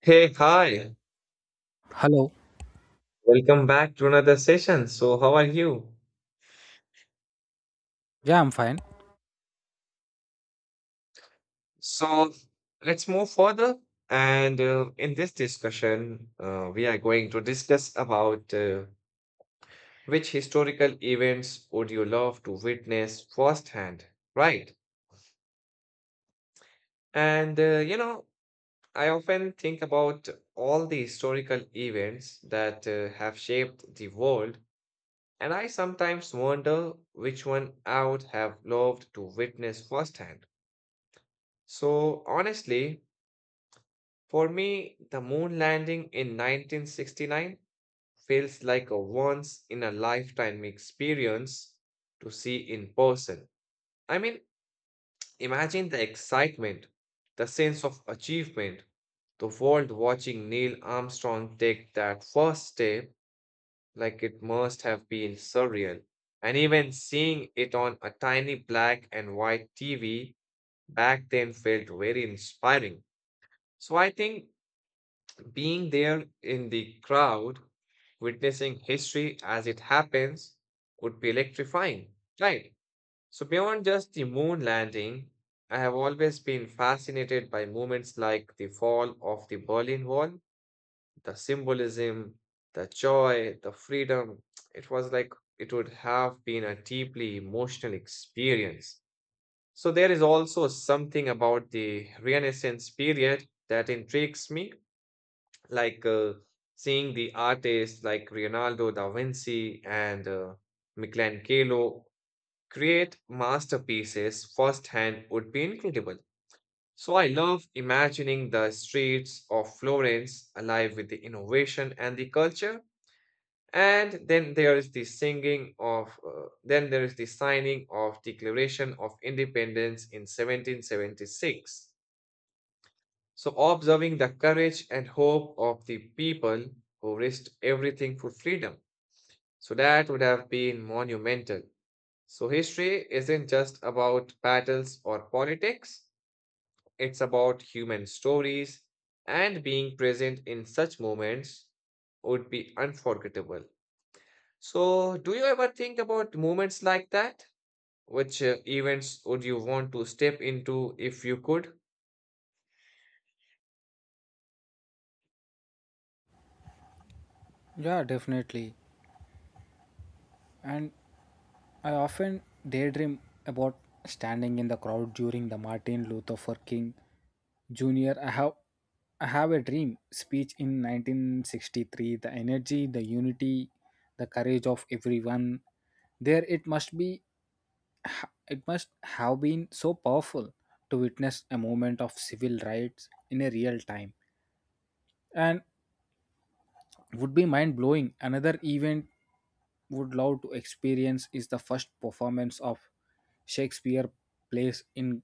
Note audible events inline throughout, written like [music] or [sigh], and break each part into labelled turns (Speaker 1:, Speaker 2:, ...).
Speaker 1: Hey, hi.
Speaker 2: Hello.
Speaker 1: Welcome back to another session. So, how are you?
Speaker 2: Yeah, I'm fine.
Speaker 1: So, let's move further. And in this discussion, we are going to discuss about which historical events would you love to witness firsthand, right? And uh, you know, I often think about all the historical events that have shaped the world, and I sometimes wonder which one I would have loved to witness firsthand. So, honestly, for me, the moon landing in 1969 feels like a once in a lifetime experience to see in person. I mean, imagine the excitement, the sense of achievement, the world watching Neil Armstrong take that first step, like it must have been surreal. And even seeing it on a tiny black and white TV back then felt very inspiring. So I think being there in the crowd, witnessing history as it happens, would be electrifying, right? So, beyond just the moon landing, I have always been fascinated by moments like the fall of the Berlin Wall, the symbolism, the joy, the freedom. [tsk] It was like it would have been a deeply emotional experience. So, there is also something about the Renaissance period that intrigues me like seeing the artists like Leonardo da Vinci and Michelangelo create masterpieces firsthand would be incredible. So I love imagining the streets of Florence alive with the innovation and the culture. And then there is the singing of, then there is the signing of Declaration of Independence in 1776, so observing the courage and hope of the people who risked everything for freedom. So, that would have been monumental. So, history isn't just about battles or politics, it's about human stories, and being present in such moments would be unforgettable. So, do you ever think about moments like that? Which events would you want to step into if you could?
Speaker 2: Yeah, definitely. And I often daydream about standing in the crowd during the Martin Luther for King Jr. I have a dream speech in 1963. The energy, the unity, the courage of everyone. There it must be It must have been so powerful to witness a moment of civil rights in a real time. And would be mind blowing. Another event would love to experience is the first performance of Shakespeare plays in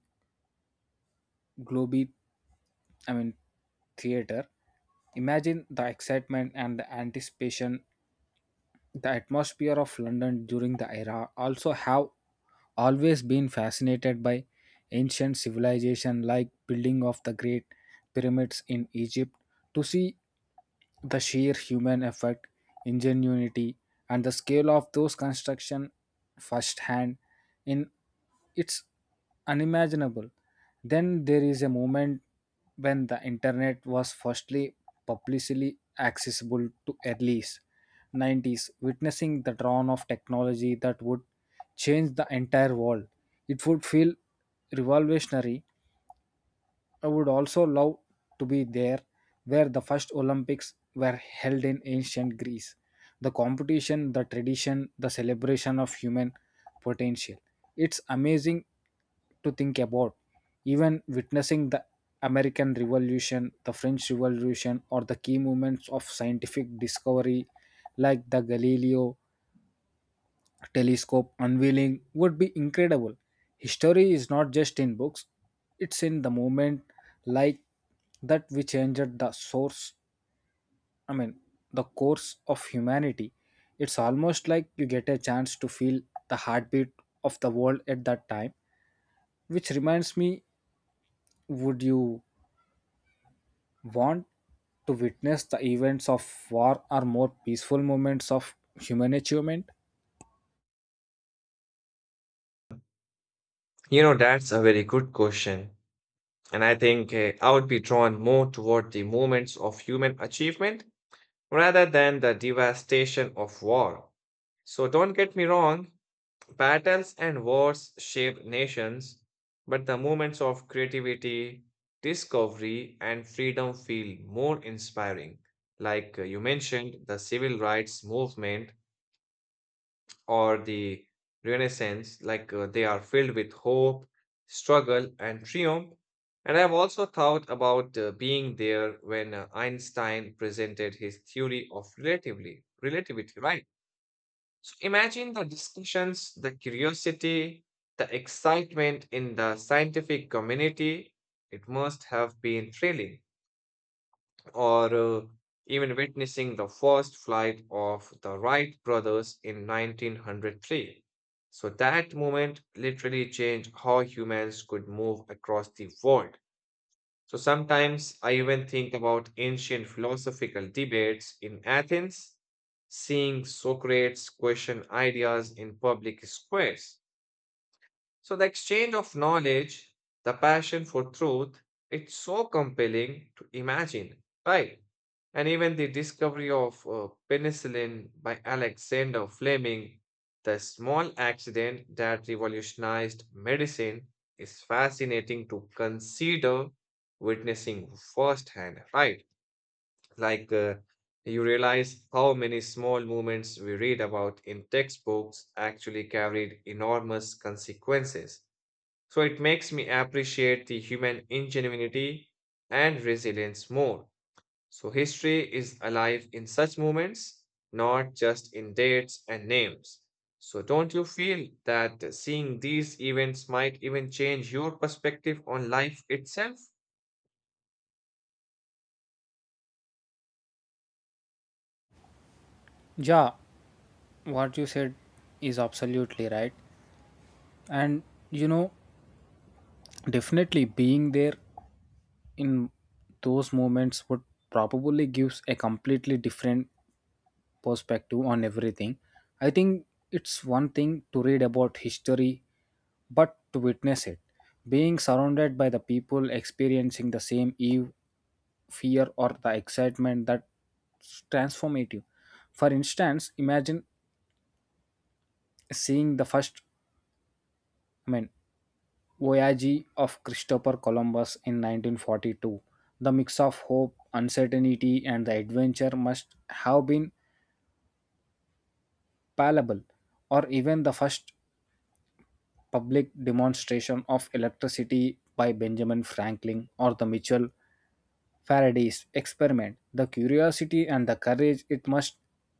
Speaker 2: Globe, I mean theater. Imagine the excitement and the anticipation. The atmosphere of London during the era also have always been fascinated by ancient civilization like building of the great pyramids in Egypt. To see the sheer human effort, ingenuity, and the scale of those construction, firsthand in it's unimaginable. Then there is a moment when the internet was firstly publicly accessible to early 90s, witnessing the dawn of technology that would change the entire world. It would feel revolutionary. I would also love to be there where the first Olympics were held in ancient Greece. The competition, the tradition, the celebration of human potential. It's amazing to think about. Even witnessing the American Revolution, the French Revolution, or the key moments of scientific discovery like the Galileo telescope unveiling would be incredible. History is not just in books, it's in the moment like that we changed the source, I mean, the course of humanity. It's almost like you get a chance to feel the heartbeat of the world at that time, which reminds me, would you want to witness the events of war or more peaceful moments of human achievement?
Speaker 1: You know, that's a very good question. And I think I would be drawn more toward the moments of human achievement rather than the devastation of war. So don't get me wrong, battles and wars shape nations, but the moments of creativity, discovery, and freedom feel more inspiring. Like you mentioned, the civil rights movement or the Renaissance, like they are filled with hope, struggle, and triumph. And I've also thought about being there when Einstein presented his theory of relatively relativity, right? So imagine the discussions, the curiosity, the excitement in the scientific community. It must have been thrilling, or even witnessing the first flight of the Wright brothers in 1903. So that moment literally changed how humans could move across the world. So sometimes I even think about ancient philosophical debates in Athens, seeing Socrates question ideas in public squares, so the exchange of knowledge, the passion for truth, it's so compelling to imagine, right? And even the discovery of penicillin by Alexander Fleming, the small accident that revolutionized medicine, is fascinating to consider witnessing firsthand, right? Like you realize how many small movements we read about in textbooks actually carried enormous consequences. So it makes me appreciate the human ingenuity and resilience more. So history is alive in such moments, not just in dates and names. So don't you feel that seeing these events might even change your perspective on life itself?
Speaker 2: Yeah, what you said is absolutely right. And you know, definitely being there in those moments would probably gives a completely different perspective on everything. I think it's one thing to read about history, but to witness it, being surrounded by the people experiencing the same eve, fear or the excitement that's transformative. For instance, imagine seeing the first I mean voyage of Christopher Columbus in 1942. The mix of hope, uncertainty, and the adventure must have been palpable, or even the first public demonstration of electricity by Benjamin Franklin or the Mitchell Faraday's experiment. The curiosity and the courage it must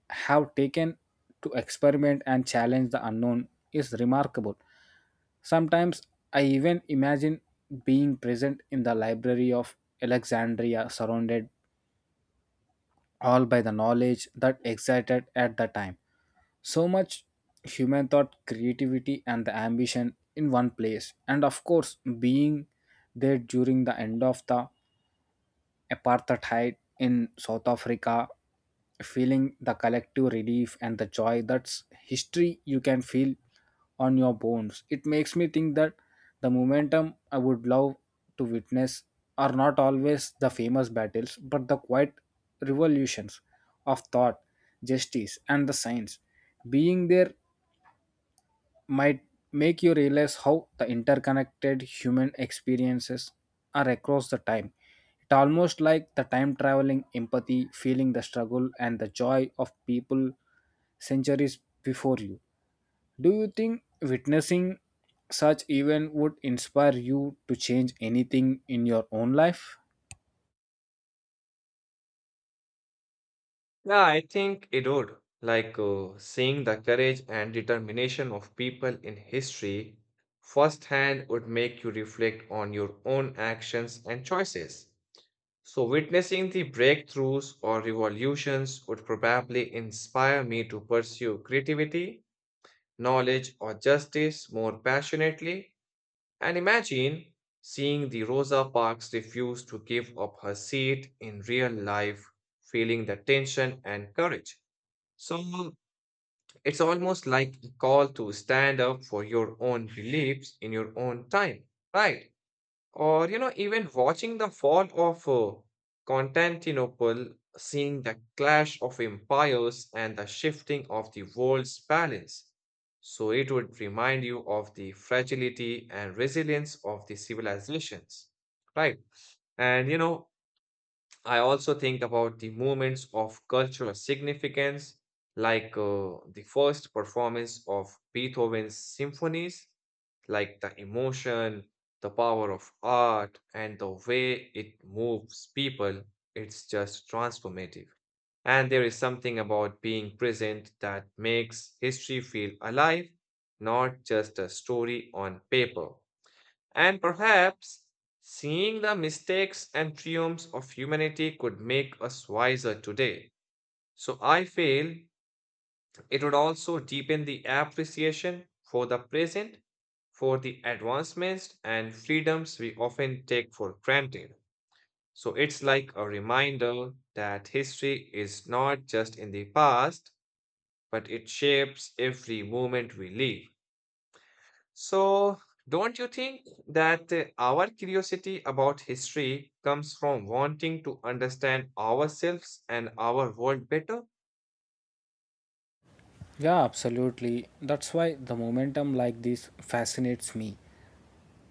Speaker 2: have taken to experiment and challenge the unknown is remarkable. Sometimes I even imagine being present in the library of Alexandria, surrounded all by the knowledge that excited at the time. So much human thought, creativity, and the ambition in one place, and of course, being there during the end of the apartheid in South Africa, feeling the collective relief and the joy that's history you can feel on your bones. It makes me think that the momentum I would love to witness are not always the famous battles, but the quiet revolutions of thought, justice, and the science. Being there might make you realize how the interconnected human experiences are across the time. It's almost like the time traveling empathy, feeling the struggle and the joy of people centuries before you. Do you think witnessing such event would inspire you to change anything in your own life?
Speaker 1: Yeah, I think it would. Like seeing the courage and determination of people in history firsthand would make you reflect on your own actions and choices. So, witnessing the breakthroughs or revolutions would probably inspire me to pursue creativity, knowledge, or justice more passionately. And imagine seeing the Rosa Parks refuse to give up her seat in real life, feeling the tension and courage. So, it's almost like a call to stand up for your own beliefs in your own time, right? Or, you know, even watching the fall of Constantinople, seeing the clash of empires and the shifting of the world's balance. So it would remind you of the fragility and resilience of the civilizations, right? And, you know, I also think about the moments of cultural significance, like the first performance of Beethoven's symphonies, like the emotion, the power of art, and the way it moves people. It's just transformative. And there is something about being present that makes history feel alive, not just a story on paper. And perhaps seeing the mistakes and triumphs of humanity could make us wiser today. So I feel it would also deepen the appreciation for the present, for the advancements and freedoms we often take for granted. So it's like a reminder that history is not just in the past, but it shapes every moment we live. So, don't you think that our curiosity about history comes from wanting to understand ourselves and our world better?
Speaker 2: Yeah, absolutely. That's why the momentum like this fascinates me.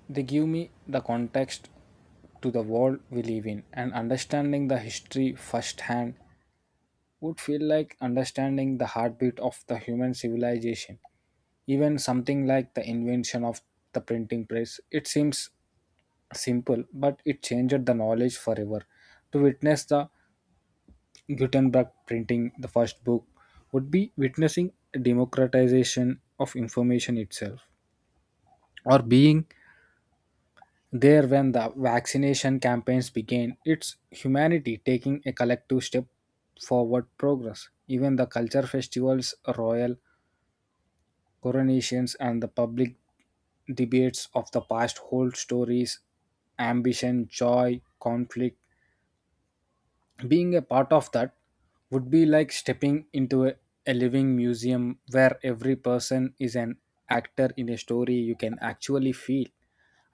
Speaker 2: They give me the context to the world we live in, and understanding the history firsthand would feel like understanding the heartbeat of the human civilization. Even something like the invention of the printing press, it seems simple, but it changed the knowledge forever. To witness the Gutenberg printing the first book would be witnessing democratization of information itself, or being there, when the vaccination campaigns began, it's humanity taking a collective step forward progress. Even the culture festivals, royal coronations, and the public debates of the past hold stories, ambition, joy, conflict, being a part of that would be like stepping into a living museum where every person is an actor in a story you can actually feel.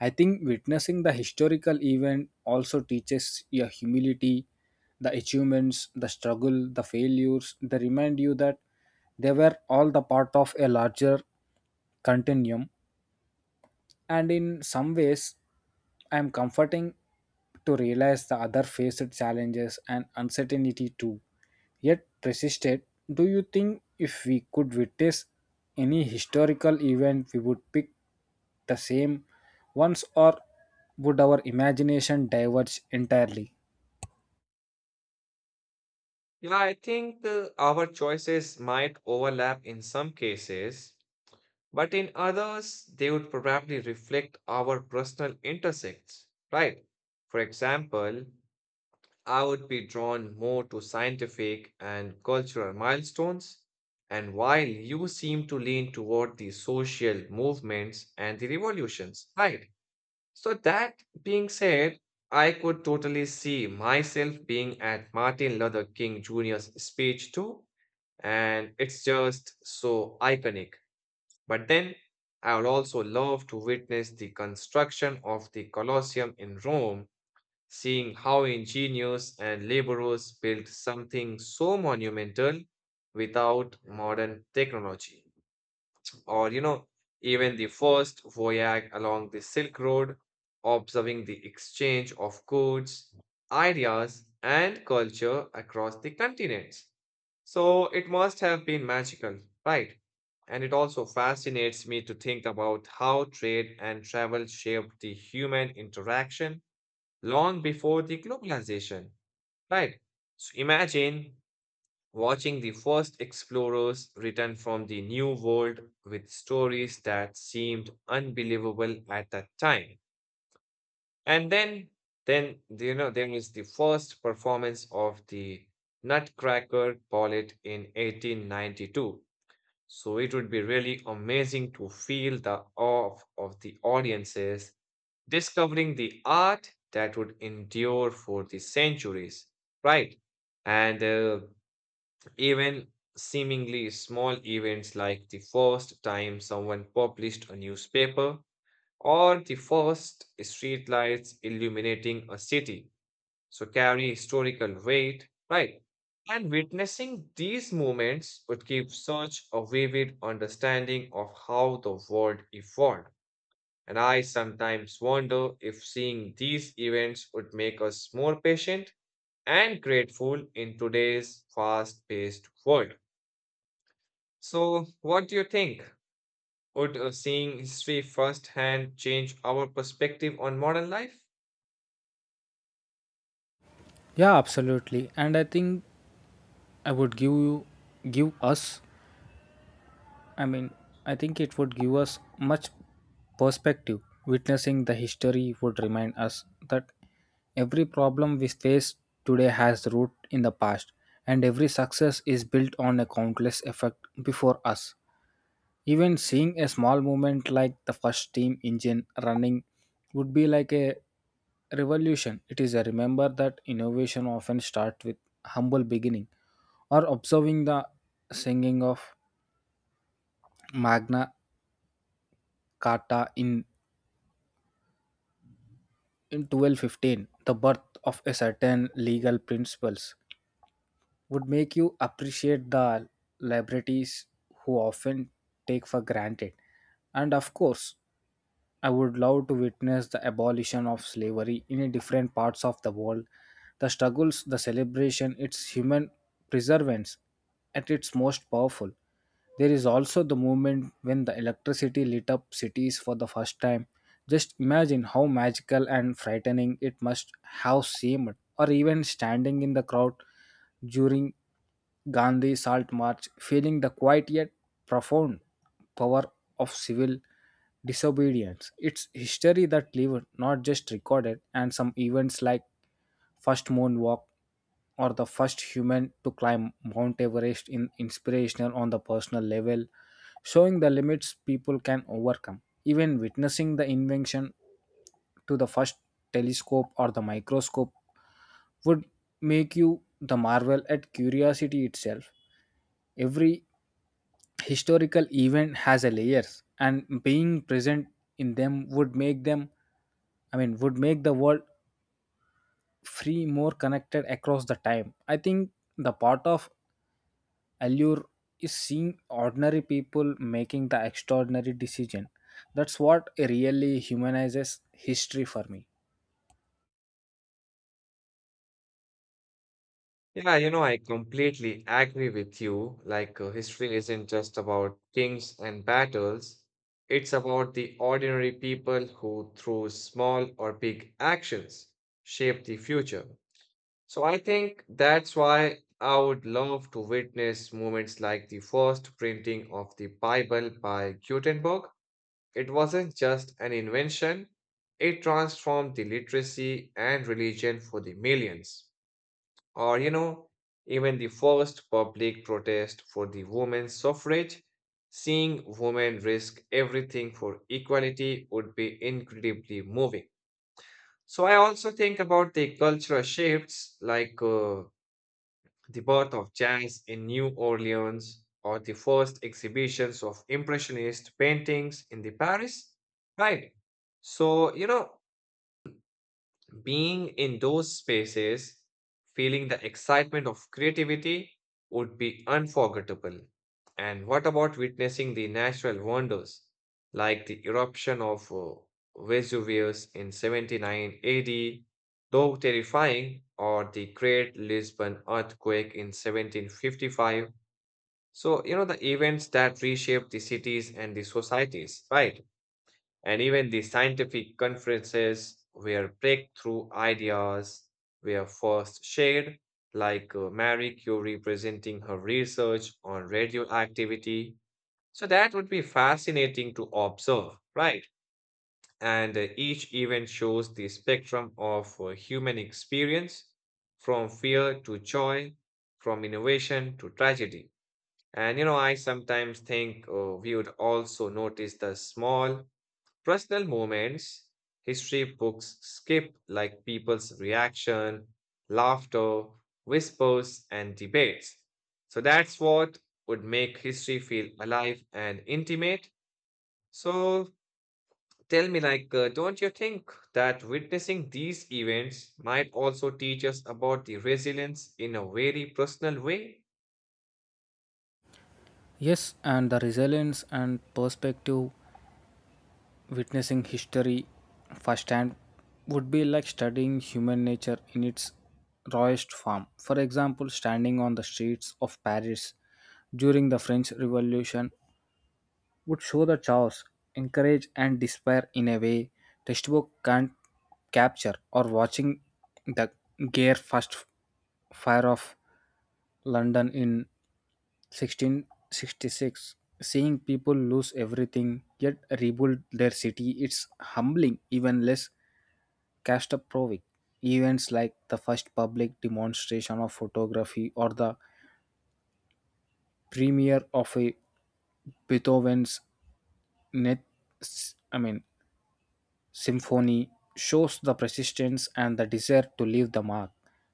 Speaker 2: I think witnessing the historical event also teaches your humility, the achievements, the struggle, the failures, they remind you that they were all the part of a larger continuum, and in some ways I am comforting to realize the other faced challenges and uncertainty too, yet persisted. Do you think if we could witness any historical event we would pick the same ones, or would our imagination diverge entirely?
Speaker 1: Yeah, I think our choices might overlap in some cases, but in others, they would probably reflect our personal intersects, right? For example, I would be drawn more to scientific and cultural milestones, and while you seem to lean toward the social movements and the revolutions, right? So, that being said, I could totally see myself being at Martin Luther King Jr.'s speech too, and it's just so iconic. But then I would also love to witness the construction of the Colosseum in Rome, seeing how ingenious and laborers built something so monumental without modern technology. Or, you know, even the first voyage along the Silk Road, observing the exchange of goods, ideas, and culture across the continents. So it must have been magical, right? And it also fascinates me to think about how trade and travel shaped the human interaction long before the globalization, right? So imagine watching the first explorers return from the New World with stories that seemed unbelievable at that time. And then, there is the first performance of the Nutcracker Ballet in 1892, so it would be really amazing to feel the awe of the audiences discovering the art that would endure for the centuries, right? And Even seemingly small events like the first time someone published a newspaper or the first streetlights illuminating a city so carry historical weight, right? And witnessing these moments would give such a vivid understanding of how the world evolved. And I sometimes wonder if seeing these events would make us more patient and grateful in today's fast paced world. So, what do you think? Would seeing history firsthand change our perspective on modern life?
Speaker 2: Yeah, absolutely. And I think I would give you give us, I mean, I think it would give us much perspective. Witnessing the history would remind us that every problem we face today has root in the past, and every success is built on a countless effort before us. Even seeing a small movement like the first steam engine running would be like a revolution. It is a remember that innovation often starts with humble beginning, or observing the singing of Magna Carta in 1215, the birth of a certain legal principles would make you appreciate the liberties who often take for granted. And of course, I would love to witness the abolition of slavery in a different parts of the world. The struggles, the celebration, its human preservance at its most powerful. There is also the moment when the electricity lit up cities for the first time. Just imagine how magical and frightening it must have seemed, or even standing in the crowd during Gandhi Salt March, feeling the quiet yet profound power of civil disobedience. It's history that lived, not just recorded, and some events like first moonwalk or the first human to climb Mount Everest in inspirational on the personal level, showing the limits people can overcome. Even witnessing the invention to the first telescope or the microscope would make you the marvel at curiosity itself. Every historical event has a layers and being present in them would make them would make the world free more connected across the time. I think the part of allure is seeing ordinary people making the extraordinary decision, that's what really humanizes history for me.
Speaker 1: Yeah, you know, I completely agree with you. Like, history isn't just about kings and battles, it's about the ordinary people who, through small or big actions, shape the future. So I think that's why I would love to witness moments like the first printing of the Bible by Gutenberg. It wasn't just an invention, it transformed the literacy and religion for the millions. Or, you know, even the first public protest for the women's suffrage, seeing women risk everything for equality would be incredibly moving. So, I also think about the cultural shifts like the birth of jazz in New Orleans or the first exhibitions of Impressionist paintings in the Paris, right? So, you know, being in those spaces, feeling the excitement of creativity would be unforgettable. And what about witnessing the natural wonders like the eruption of Vesuvius in 79 AD, though terrifying, or the Great Lisbon earthquake in 1755? So, you know, the events that reshaped the cities and the societies, right? And even the scientific conferences where breakthrough ideas were first shared, like Marie Curie presenting her research on radioactivity. So that would be fascinating to observe, right? And Each event shows the spectrum of human experience, from fear to joy, from innovation to tragedy. And you know, I sometimes think we would also notice the small personal moments, history books skip like people's reaction, laughter, whispers, and debates. So that's what would make history feel alive and intimate. So tell me, like, don't you think that witnessing these events might also teach us about the resilience in a very personal way?
Speaker 2: Yes, and the resilience and perspective. Witnessing history firsthand would be like studying human nature in its rawest form. For example, standing on the streets of Paris during the French Revolution would show the chaos, encourage, and despair in a way textbook can't capture, or watching the Gare first fire of London in 1666, seeing people lose everything yet rebuild their city, it's humbling, even less Kasparovic. Events like the first public demonstration of photography or the premiere of a Beethoven's net, I mean, symphony shows the persistence and the desire to leave the mark.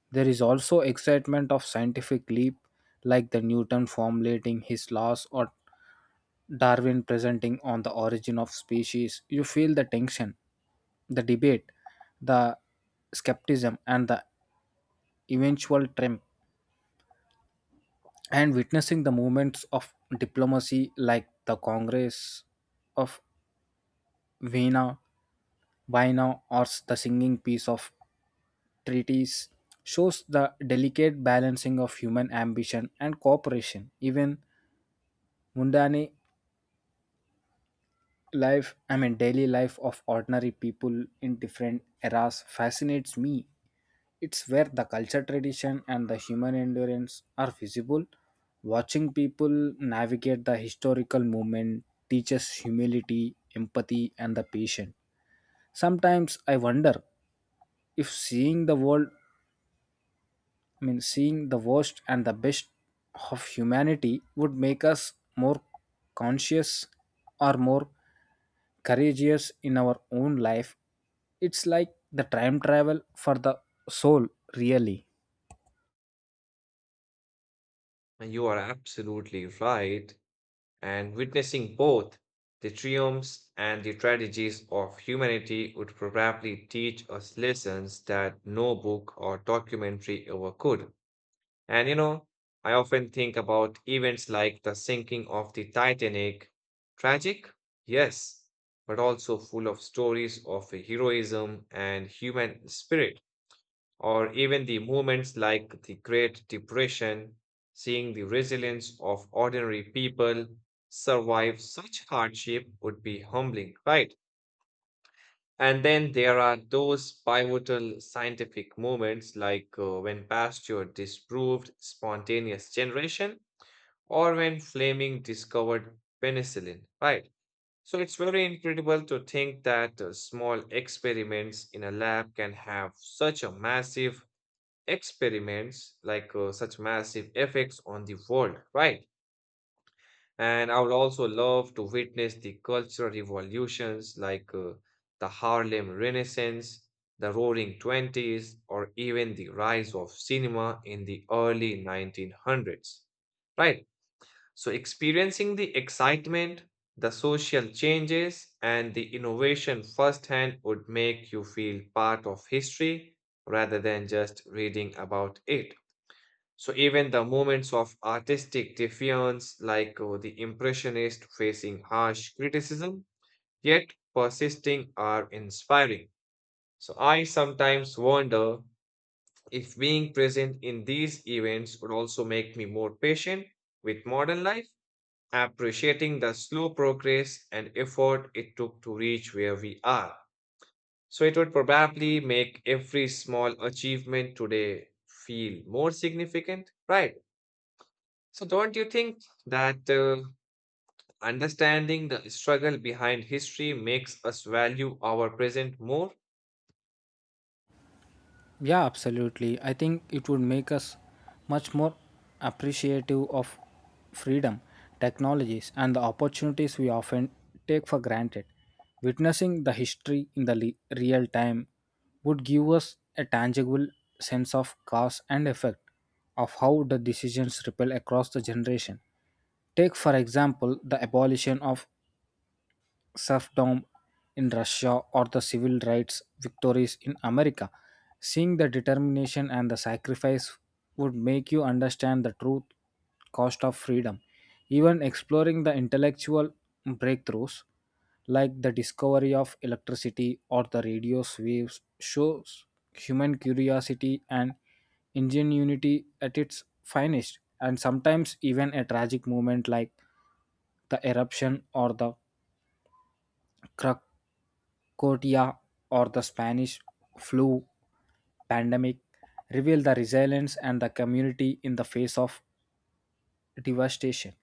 Speaker 2: There is also excitement of scientific leap like the Newton formulating his laws or Darwin presenting on the origin of species. You feel the tension, the debate, the skepticism and the eventual triumph, and witnessing the movements of diplomacy like the Congress of Vienna, Vienna or the singing piece of treaties shows the delicate balancing of human ambition and cooperation. Even mundane life, daily life of ordinary people in different eras fascinates me. It's where the culture, tradition, and the human endurance are visible. Watching people navigate the historical movement teaches humility, empathy, and the patience. Sometimes I wonder if seeing the world, I mean, seeing the worst and the best of humanity would make us more conscious or more courageous in our own life. It's like the time travel for the soul, really.
Speaker 1: And you are absolutely right, and witnessing both the triumphs and the tragedies of humanity would probably teach us lessons that no book or documentary ever could. And you know, I often think about events like the sinking of the Titanic. Tragic? Yes, but also full of stories of heroism and human spirit, or even the movements like the Great Depression, seeing the resilience of ordinary people survive such hardship would be humbling, right? And then there are those pivotal scientific moments like when Pasteur disproved spontaneous generation or when Fleming discovered penicillin, right? So it's very incredible to think that small experiments in a lab can have such a massive experiments like such massive effects on the world, right? And I would also love to witness the cultural revolutions like the Harlem Renaissance, the Roaring Twenties, or even the rise of cinema in the early 1900s, right? So, experiencing the excitement, the social changes, and the innovation firsthand would make you feel part of history rather than just reading about it. So even the moments of artistic defiance, like the Impressionist facing harsh criticism, yet persisting, are inspiring. So I sometimes wonder if being present in these events would also make me more patient with modern life, appreciating the slow progress and effort it took to reach where we are. So it would probably make every small achievement today feel more significant, right? So, don't you think that understanding the struggle behind history makes us value our present more?
Speaker 2: Yeah, absolutely. I think it would make us much more appreciative of freedom, technologies, and the opportunities we often take for granted. Witnessing the history in the real time would give us a tangible sense of cause and effect of how the decisions ripple across the generation. Take, for example, the abolition of serfdom in Russia or the civil rights victories in America. Seeing the determination and the sacrifice would make you understand the true cost of freedom. Even exploring the intellectual breakthroughs like the discovery of electricity or the radio's waves shows human curiosity and ingenuity at its finest, and sometimes even a tragic moment like the eruption or the crack Kotia or the Spanish flu pandemic revealed the resilience and the community in the face of devastation.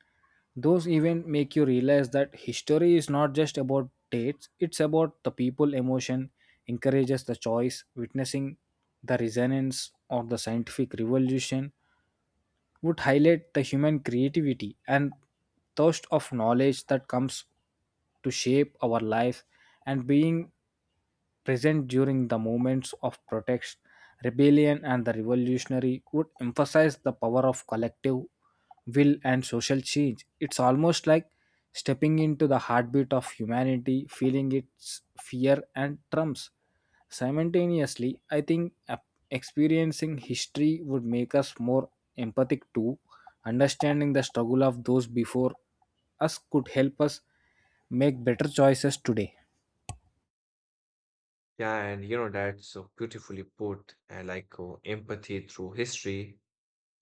Speaker 2: Those events make you realize that history is not just about dates, it's about the people emotion, encourages the choice, witnessing the resonance of the scientific revolution would highlight the human creativity and thirst of knowledge that comes to shape our life, and being present during the moments of protest, rebellion, and the revolutionary would emphasize the power of collective will and social change. It's almost like stepping into the heartbeat of humanity, feeling its fear and trumps. Simultaneously, I think experiencing history would make us more empathic too. Understanding the struggle of those before us could help us make better choices today.
Speaker 1: Yeah, and you know, that's so beautifully put, and like empathy through history,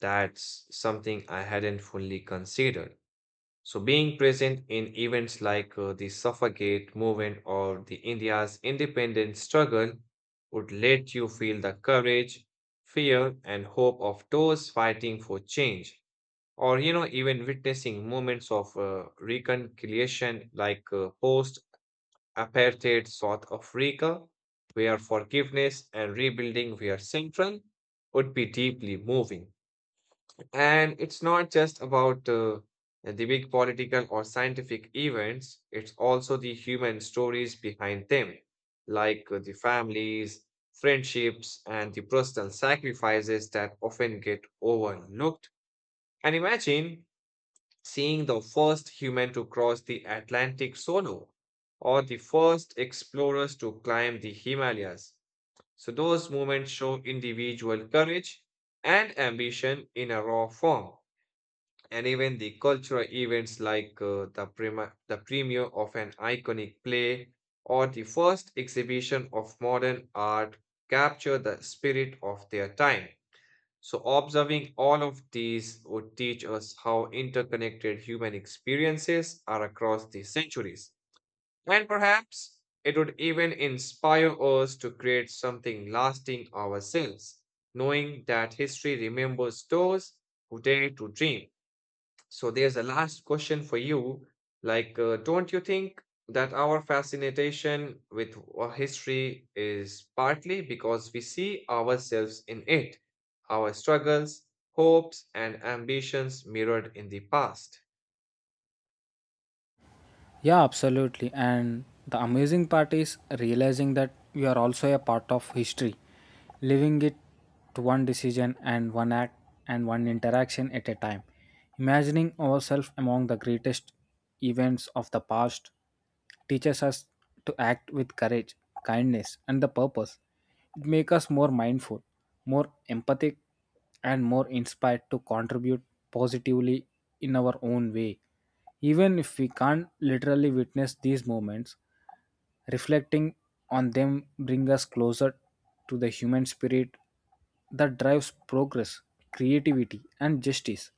Speaker 1: that's something I hadn't fully considered. So, being present in events like the Suffragette movement or the India's independence struggle would let you feel the courage, fear, and hope of those fighting for change, or you know, even witnessing moments of reconciliation like post apartheid South Africa, where forgiveness and rebuilding were central, would be deeply moving. And it's not just about the big political or scientific events, it's also the human stories behind them, like the families, friendships and the personal sacrifices that often get overlooked. And imagine seeing the first human to cross the Atlantic solo or the first explorers to climb the Himalayas. So, those moments show individual courage and ambition in a raw form. And even the cultural events like the premiere of an iconic play or the first exhibition of modern art capture the spirit of their time. So, observing all of these would teach us how interconnected human experiences are across the centuries. And perhaps it would even inspire us to create something lasting ourselves, knowing that history remembers those who dare to dream. So there's a last question for you. Like, don't you think that our fascination with history is partly because we see ourselves in it, our struggles, hopes, and ambitions mirrored in the past?
Speaker 2: Yeah, absolutely. And the amazing part is realizing that we are also a part of history, living it to one decision and one act and one interaction at a time. Imagining ourselves among the greatest events of the past teaches us to act with courage, kindness, and the purpose. It makes us more mindful, more empathic, and more inspired to contribute positively in our own way. Even if we can't literally witness these moments, reflecting on them bring us closer to the human spirit that drives progress, creativity, and justice.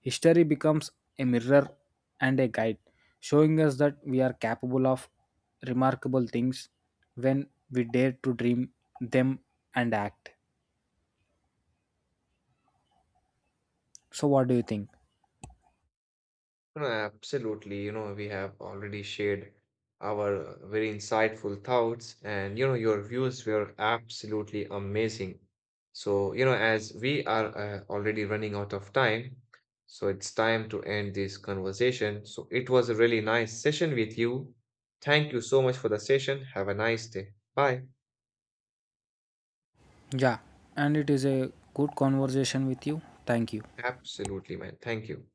Speaker 2: History becomes a mirror and a guide, showing us that we are capable of remarkable things when we dare to dream them and act. So, what do you think?
Speaker 1: No, absolutely. You know, we have already shared our very insightful thoughts, and you know, your views were absolutely amazing. So, you know, as we are already running out of time, so it's time to end this conversation. So, it was a really nice session with you. Thank you so much for the session. Have a nice day. Bye.
Speaker 2: Yeah, and it is a good conversation with you. Thank you.
Speaker 1: Absolutely, man. Thank you.